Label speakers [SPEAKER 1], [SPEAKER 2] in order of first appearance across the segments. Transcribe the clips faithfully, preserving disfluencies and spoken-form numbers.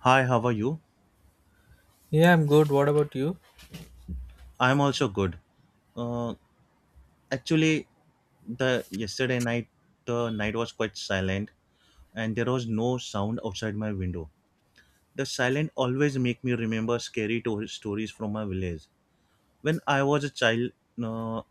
[SPEAKER 1] Hi, how are you?
[SPEAKER 2] Yeah, I'm good. What about you?
[SPEAKER 1] I'm also good. Uh, actually, the yesterday night, the night was quite silent, and there was no sound outside my window. The silence always make me remember scary to- stories from my village. When I was a child, uh,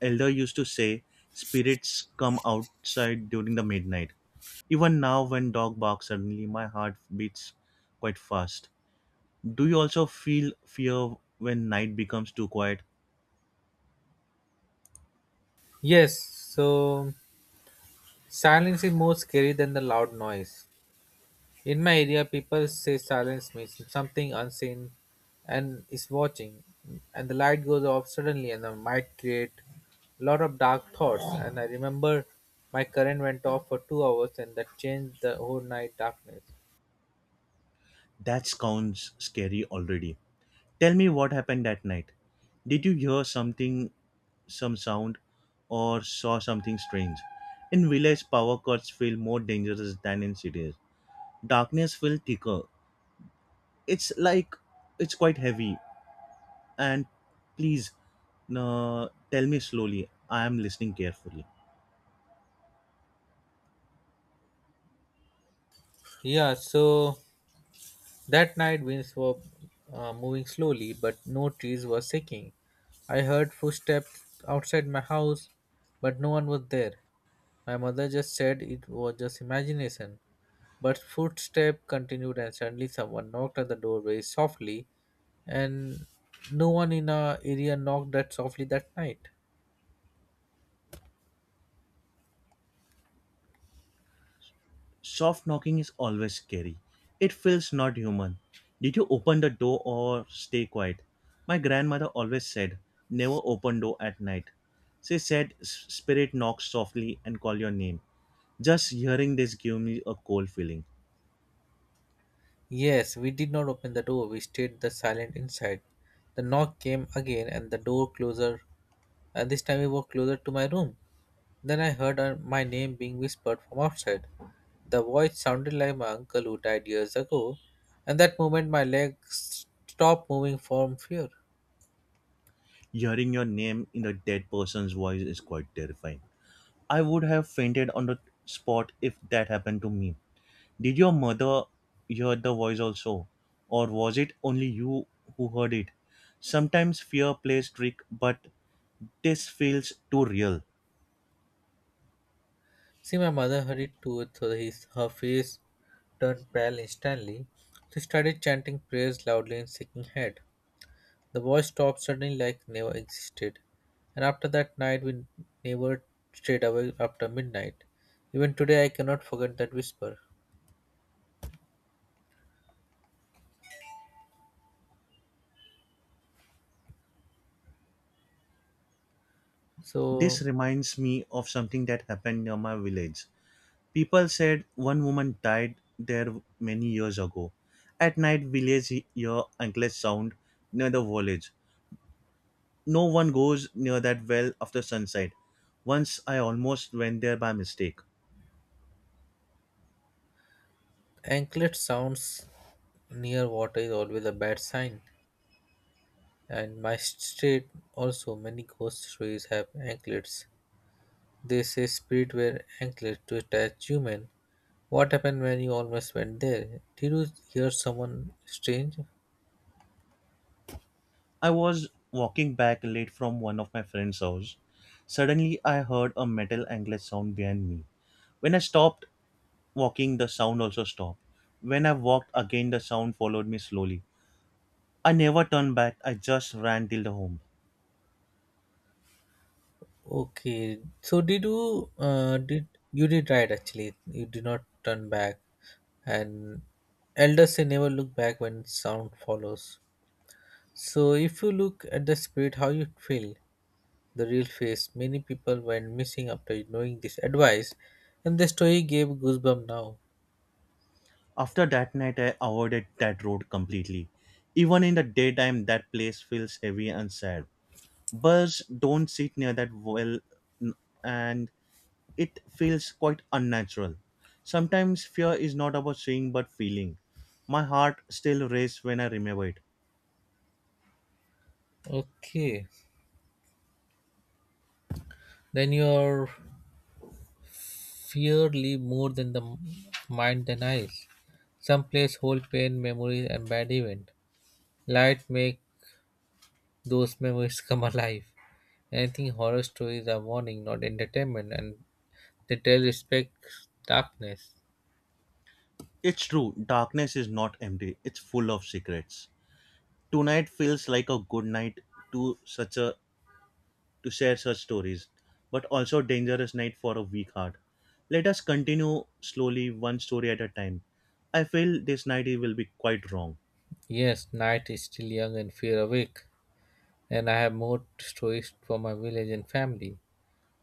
[SPEAKER 1] elder used to say spirits come outside during the midnight. Even now, when dog barks suddenly, my heart beats quite fast. Do you also feel fear when night becomes too quiet?
[SPEAKER 2] Yes, so silence is more scary than the loud noise. In my area, people say silence means something unseen and is watching, and the light goes off suddenly, and I might create a lot of dark thoughts. And I remember my current went off for two hours, and that changed the whole night darkness.
[SPEAKER 1] That sounds scary already. Tell me what happened that night. Did you hear something, some sound, or saw something strange? In village, power cuts feel more dangerous than in cities. Darkness feels thicker. It's like it's quite heavy. And please, no, tell me slowly. I am listening carefully.
[SPEAKER 2] Yeah, so that night winds were uh, moving slowly, but no trees were shaking. I heard footsteps outside my house, but no one was there. My mother just said it was just imagination. But footsteps continued, and suddenly someone knocked at the door very softly, and no one in our area knocked that softly that night.
[SPEAKER 1] Soft knocking is always scary. It feels not human. Did you open the door or stay quiet? My grandmother always said, never open door at night. She said, "S- spirit knocks softly and call your name. Just hearing this gave me a cold feeling.
[SPEAKER 2] Yes, we did not open the door, we stayed the silent inside. The knock came again, and the door closer, and this time it was closer to my room. Then I heard uh, my name being whispered from outside. The voice sounded like my uncle who died years ago, and that moment my legs stopped moving from fear.
[SPEAKER 1] Hearing your name in a dead person's voice is quite terrifying. I would have fainted on the spot if that happened to me. Did your mother hear the voice also? Or was it only you who heard it? Sometimes fear plays trick, but this feels too real.
[SPEAKER 2] See, my mother hurried to so his, her face turned pale instantly. She started chanting prayers loudly and shaking head. The voice stopped suddenly like never existed. And after that night, we never stayed awake after midnight. Even today, I cannot forget that whisper.
[SPEAKER 1] This
[SPEAKER 2] So,
[SPEAKER 1] reminds me of something that happened near my village. People said one woman died there many years ago. At night, village hear unless sound near the village. No one goes near that well after sunset. Once I almost went there by mistake.
[SPEAKER 2] anklet sounds near water is always a bad sign. And my street also many ghost stories have anklets. They say spirit wear anklets to attach human. What happened when you almost went there? Did you hear someone strange?
[SPEAKER 1] I was walking back late from one of my friend's house. Suddenly, I heard a metal angled sound behind me. When I stopped walking, the sound also stopped. When I walked again, the sound followed me slowly. I never turned back, I just ran till the home.
[SPEAKER 2] Okay, so did you uh, did you did right actually? You did not turn back, and elders say never look back when sound follows. So if you look at the spirit, how you feel? The real face. Many people went missing after knowing this advice, and the story gave goosebumps now.
[SPEAKER 1] After that night, I avoided that road completely. Even in the daytime, that place feels heavy and sad. Birds don't sit near that well, n- and it feels quite unnatural. Sometimes fear is not about seeing but feeling. My heart still races when I remember it.
[SPEAKER 2] Okay, then your fear live more than the mind than eyes. Some place hold pain, memories, and bad event. Light make those memories come alive. Anything horror stories are warning, not entertainment, and they tell respect darkness.
[SPEAKER 1] It's true, darkness is not empty, it's full of secrets. Tonight feels like a good night to such a to share such stories, but also dangerous night for a weak heart. Let us continue slowly one story at a time. I feel this night it will be quite wrong.
[SPEAKER 2] Yes, night is still young and fear awake, and I have more stories for my village and family.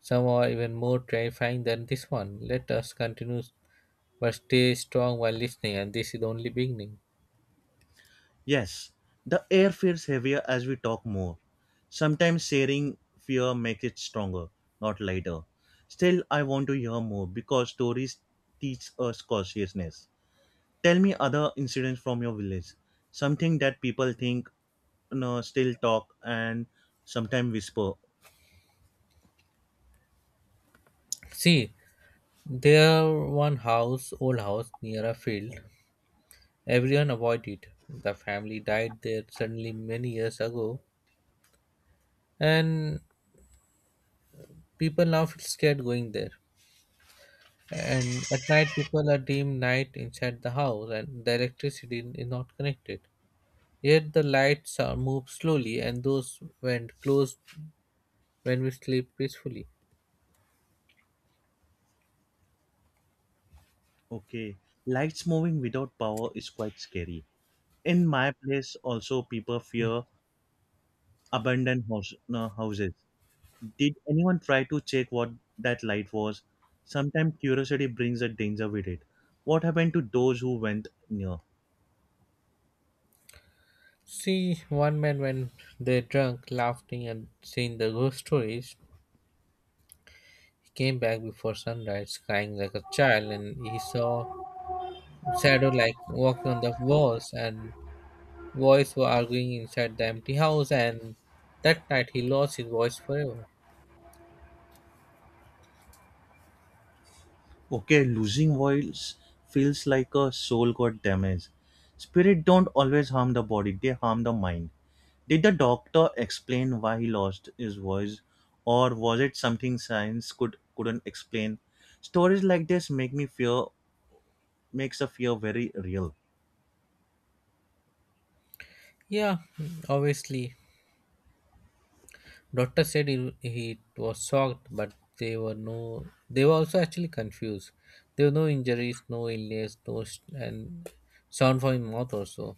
[SPEAKER 2] Some are even more terrifying than this one. Let us continue, but stay strong while listening, and this is the only beginning.
[SPEAKER 1] Yes, the air feels heavier as we talk more. Sometimes sharing fear makes it stronger, not lighter. Still, I want to hear more because stories teach us cautiousness. Tell me other incidents from your village. Something that people think, no, still talk and sometimes whisper.
[SPEAKER 2] See, there one house, old house near a field. Everyone avoided. The family died there suddenly many years ago, and people now feel scared going there. And at night, people are dim night inside the house, and the electricity is not connected. Yet the lights are moved slowly, and those went close when we sleep peacefully.
[SPEAKER 1] Okay, lights moving without power is quite scary. In my place, also people fear abandoned house, no, houses. Did anyone try to check what that light was? Sometimes curiosity brings a danger with it. What happened to those who went near?
[SPEAKER 2] See, one man when they drunk, laughing and seeing the ghost stories, he came back before sunrise, crying like a child, and he saw shadow like walking on the walls, and boys were arguing inside the empty house, and that night he lost his voice forever.
[SPEAKER 1] Okay, losing voice feels like a soul got damaged. Spirit don't always harm the body, they harm the mind. Did the doctor explain why he lost his voice, or was it something science could couldn't explain? Stories like this make me fear makes the fear very real.
[SPEAKER 2] Yeah, obviously, doctor said he, he was shocked, but they were no, they were also actually confused. There were no injuries, no illness, no, sh- and sound from his mouth also.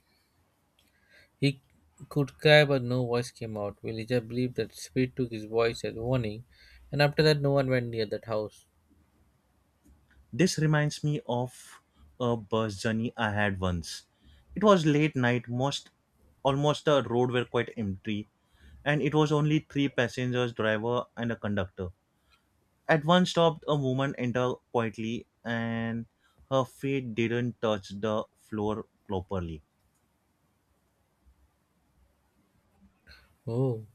[SPEAKER 2] He could cry, but no voice came out. Villager believed that spirit took his voice as warning, and after that, no one went near that house.
[SPEAKER 1] This reminds me of a bus journey I had once. It was late night, most almost the road were quite empty, and it was only three passengers, driver and a conductor. At one stop, a woman entered quietly, and her feet didn't touch the floor properly.
[SPEAKER 2] Oh,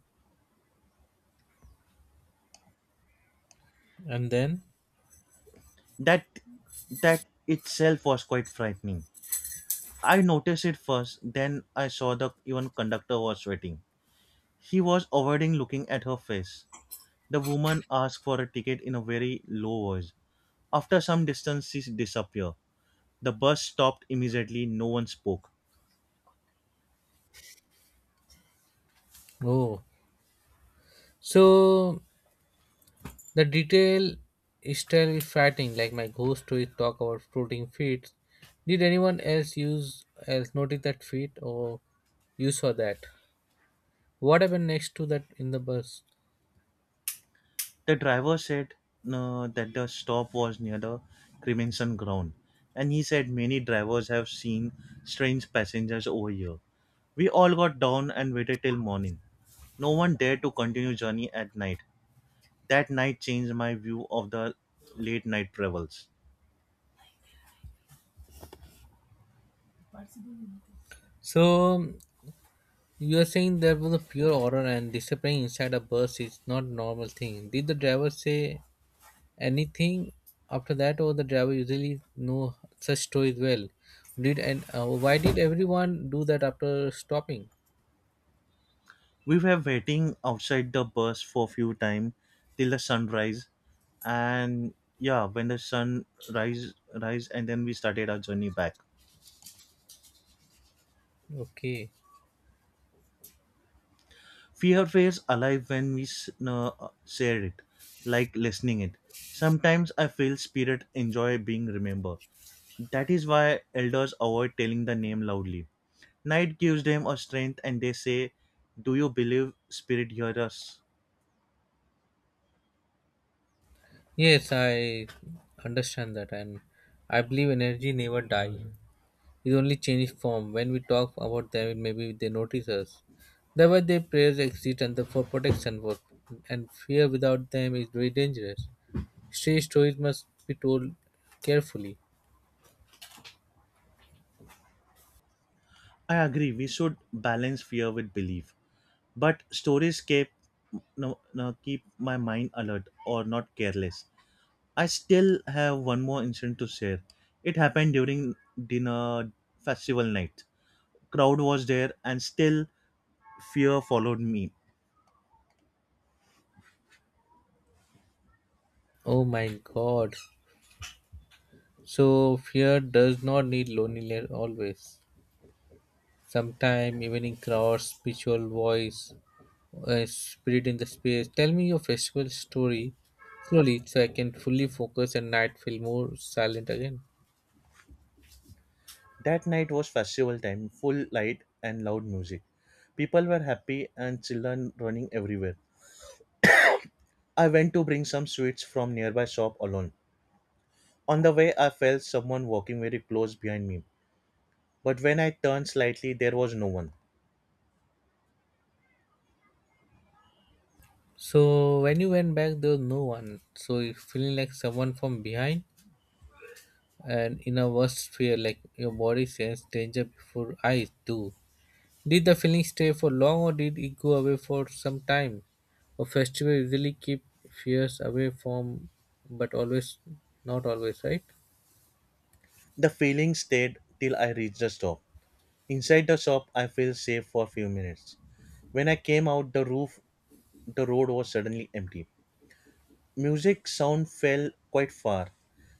[SPEAKER 2] and then?
[SPEAKER 1] That that itself was quite frightening. I noticed it first, then I saw the even conductor was sweating. He was avoiding looking at her face. The woman asks for a ticket in a very low voice. After some distance, she disappeared. The bus stopped immediately, no one spoke.
[SPEAKER 2] Oh, so the detail is still frightening, like my ghost stories talk about floating feet. Did anyone else use else notice that feet, or you saw that? What happened next to that in the bus?
[SPEAKER 1] The driver said uh, that the stop was near the cremation ground, and he said many drivers have seen strange passengers over here. We all got down and waited till morning. No one dared to continue journey at night. That night changed my view of the late night travels.
[SPEAKER 2] So you are saying there was a pure horror and disappearing inside a bus is not a normal thing. Did the driver say anything after that, or the driver usually know such stories well? Did and uh, Why did everyone do that after stopping?
[SPEAKER 1] We were waiting outside the bus for a few time till the sunrise and yeah, when the sun rise rise and then we started our journey back.
[SPEAKER 2] Okay,
[SPEAKER 1] Fear feels alive when we s- no, uh, share it, like listening it. Sometimes I feel spirit enjoy being remembered. That is why elders avoid telling the name loudly. Night gives them a strength and they say, do you believe spirit hear us?
[SPEAKER 2] yes, I understand that, and I believe energy never die. It only changes form. When we talk about them, maybe they notice us. That's why their prayers exist and the for protection, for, and fear without them is very dangerous. Strange stories must be told carefully.
[SPEAKER 1] I agree, we should balance fear with belief. But stories keep no, no, keep my mind alert or not careless. I still have one more incident to share. It happened during dinner festival night. Crowd was there and still fear followed me.
[SPEAKER 2] Oh my god. So fear does not need loneliness always. Sometime evening crowds, spiritual voice, a spirit in the space. Tell me your festival story slowly so I can fully focus and night feel more silent again.
[SPEAKER 1] That night was festival time, full light and loud music. People were happy and children running everywhere. I went to bring some sweets from nearby shop alone. On the way I felt someone walking very close behind me. But when I turned slightly there was no one.
[SPEAKER 2] So when you went back there was no one. So you feeling like someone from behind and in a worse fear like your body sense danger before eyes do. Did the feeling stay for long or did it go away for some time? A festival usually keep fears away from but always not always, right?
[SPEAKER 1] The feeling stayed till I reached the shop. Inside the shop, I felt safe for a few minutes. When I came out the roof, the road was suddenly empty. Music sound fell quite far,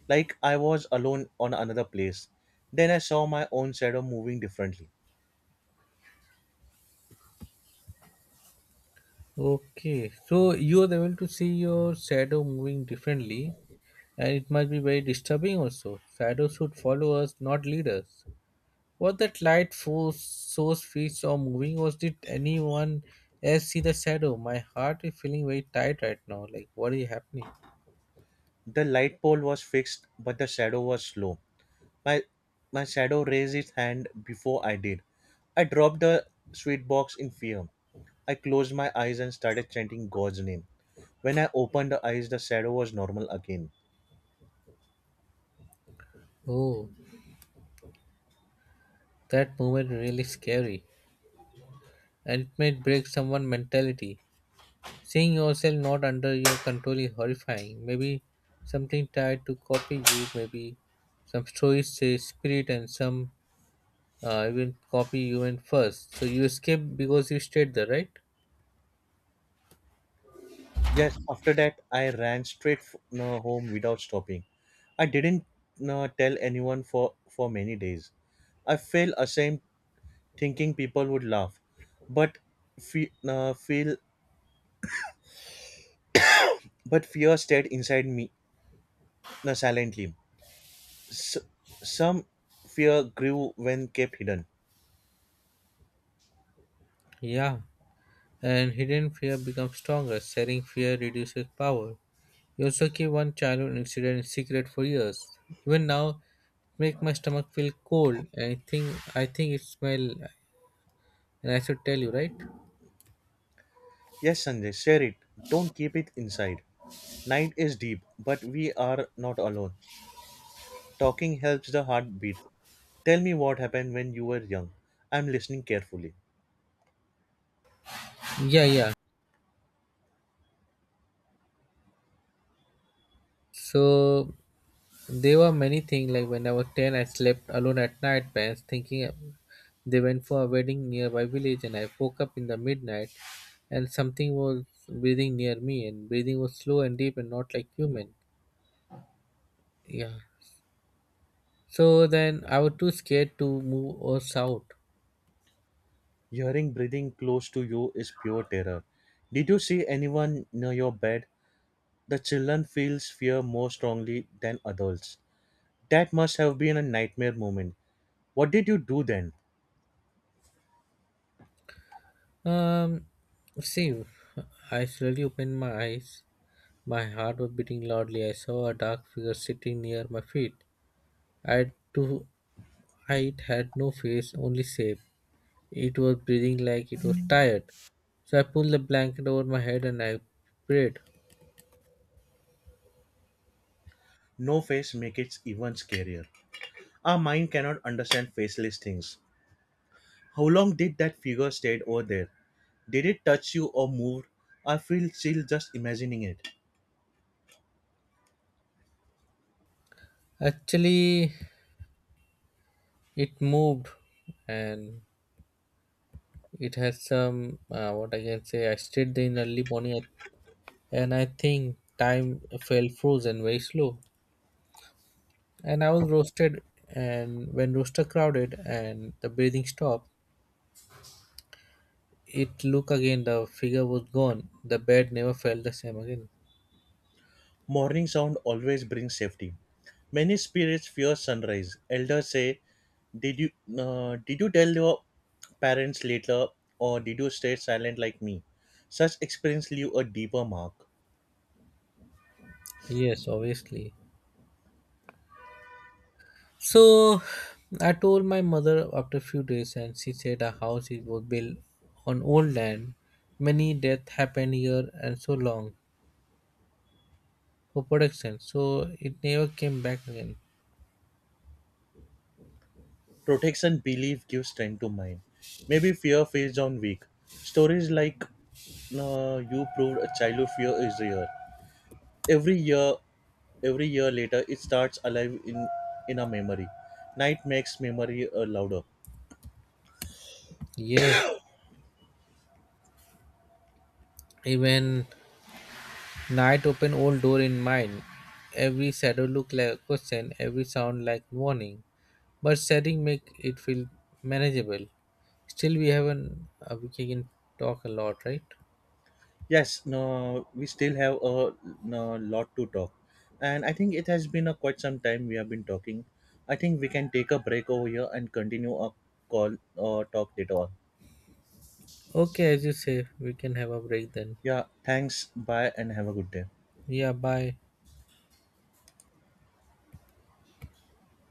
[SPEAKER 1] like I was alone on another place. Then I saw my own shadow moving differently.
[SPEAKER 2] Okay. So you are able to see your shadow moving differently and it must be very disturbing also. Shadows should follow us, not lead us. Was that light force source feet or moving or did anyone else see the shadow? My heart is feeling very tight right now. Like what is happening?
[SPEAKER 1] The light pole was fixed, but the shadow was slow. My my shadow raised its hand before I did. I dropped the sweet box in fear. I closed my eyes and started chanting God's name. When I opened the eyes, the shadow was normal again.
[SPEAKER 2] Oh, that moment really scary, and it might break someone's mentality. Seeing yourself not under your control is horrifying. Maybe something tried to copy you, maybe some stories say spirit and some uh, even copy you in first. So you escape because you stayed there, right?
[SPEAKER 1] Yes, after that, I ran straight f- no, home without stopping. I didn't no, tell anyone for, for many days. I felt ashamed thinking people would laugh, but fe- no, feel but fear stayed inside me no, silently. S- some fear grew when kept hidden.
[SPEAKER 2] Yeah. And hidden fear becomes stronger. Sharing fear reduces power. You also keep one childhood incident in secret for years. Even now, it makes my stomach feel cold. And I think I think it smell. And I should tell you, right?
[SPEAKER 1] Yes, Sanjay, share it. Don't keep it inside. Night is deep, but we are not alone. Talking helps the heart beat. Tell me what happened when you were young. I'm listening carefully.
[SPEAKER 2] Yeah, yeah. So there were many things like when I was ten, I slept alone at night, parents thinking they went for a wedding nearby village, and I woke up in the midnight and something was breathing near me, and breathing was slow and deep and not like human. Yeah. So then I was too scared to move or shout.
[SPEAKER 1] Hearing breathing close to you is pure terror. Did you see anyone near your bed? The children feels fear more strongly than adults. That must have been a nightmare moment. What did you do then?
[SPEAKER 2] Um, See, I slowly opened my eyes. My heart was beating loudly. I saw a dark figure sitting near my feet. I had to, I- It had no face, only shape. It was breathing like it was tired. So I pulled the blanket over my head and I prayed.
[SPEAKER 1] No face makes it even scarier. Our mind cannot understand faceless things. How long did that figure stayed over there? Did it touch you or move? I feel chill just imagining it.
[SPEAKER 2] Actually, it moved and it has some, uh, what I can say, I stayed there in early morning and I think time fell frozen very slow. And I was roasted and when rooster crowded and the breathing stopped, it looked again, the figure was gone. The bed never felt the same again.
[SPEAKER 1] Morning sound always brings safety. Many spirits fear sunrise. Elders say, "Did you uh, did you tell your parents later, or did you stay silent like me?" Such experience leave a deeper mark.
[SPEAKER 2] Yes, obviously. So I told my mother after a few days, and she said our house is was built on old land. Many deaths happened here, and so long for production, so it never came back again.
[SPEAKER 1] Protection belief gives strength to mind. Maybe fear feeds on weak. Stories like uh, "You proved a childhood fear is real." Every year, every year later, it starts alive in in our memory. Night makes memory uh, louder.
[SPEAKER 2] Yes, even night opened old door in mine. Every shadow looked like a question, every sound like warning. But setting make it feel manageable. Still, we haven't. Uh, we can talk a lot, right?
[SPEAKER 1] Yes, no, we still have a no, lot to talk. And I think it has been a quite some time we have been talking. I think we can take a break over here and continue our call or talk later on.
[SPEAKER 2] Okay, as you say, we can have a break then.
[SPEAKER 1] Yeah, thanks. Bye and have a good day.
[SPEAKER 2] Yeah, bye.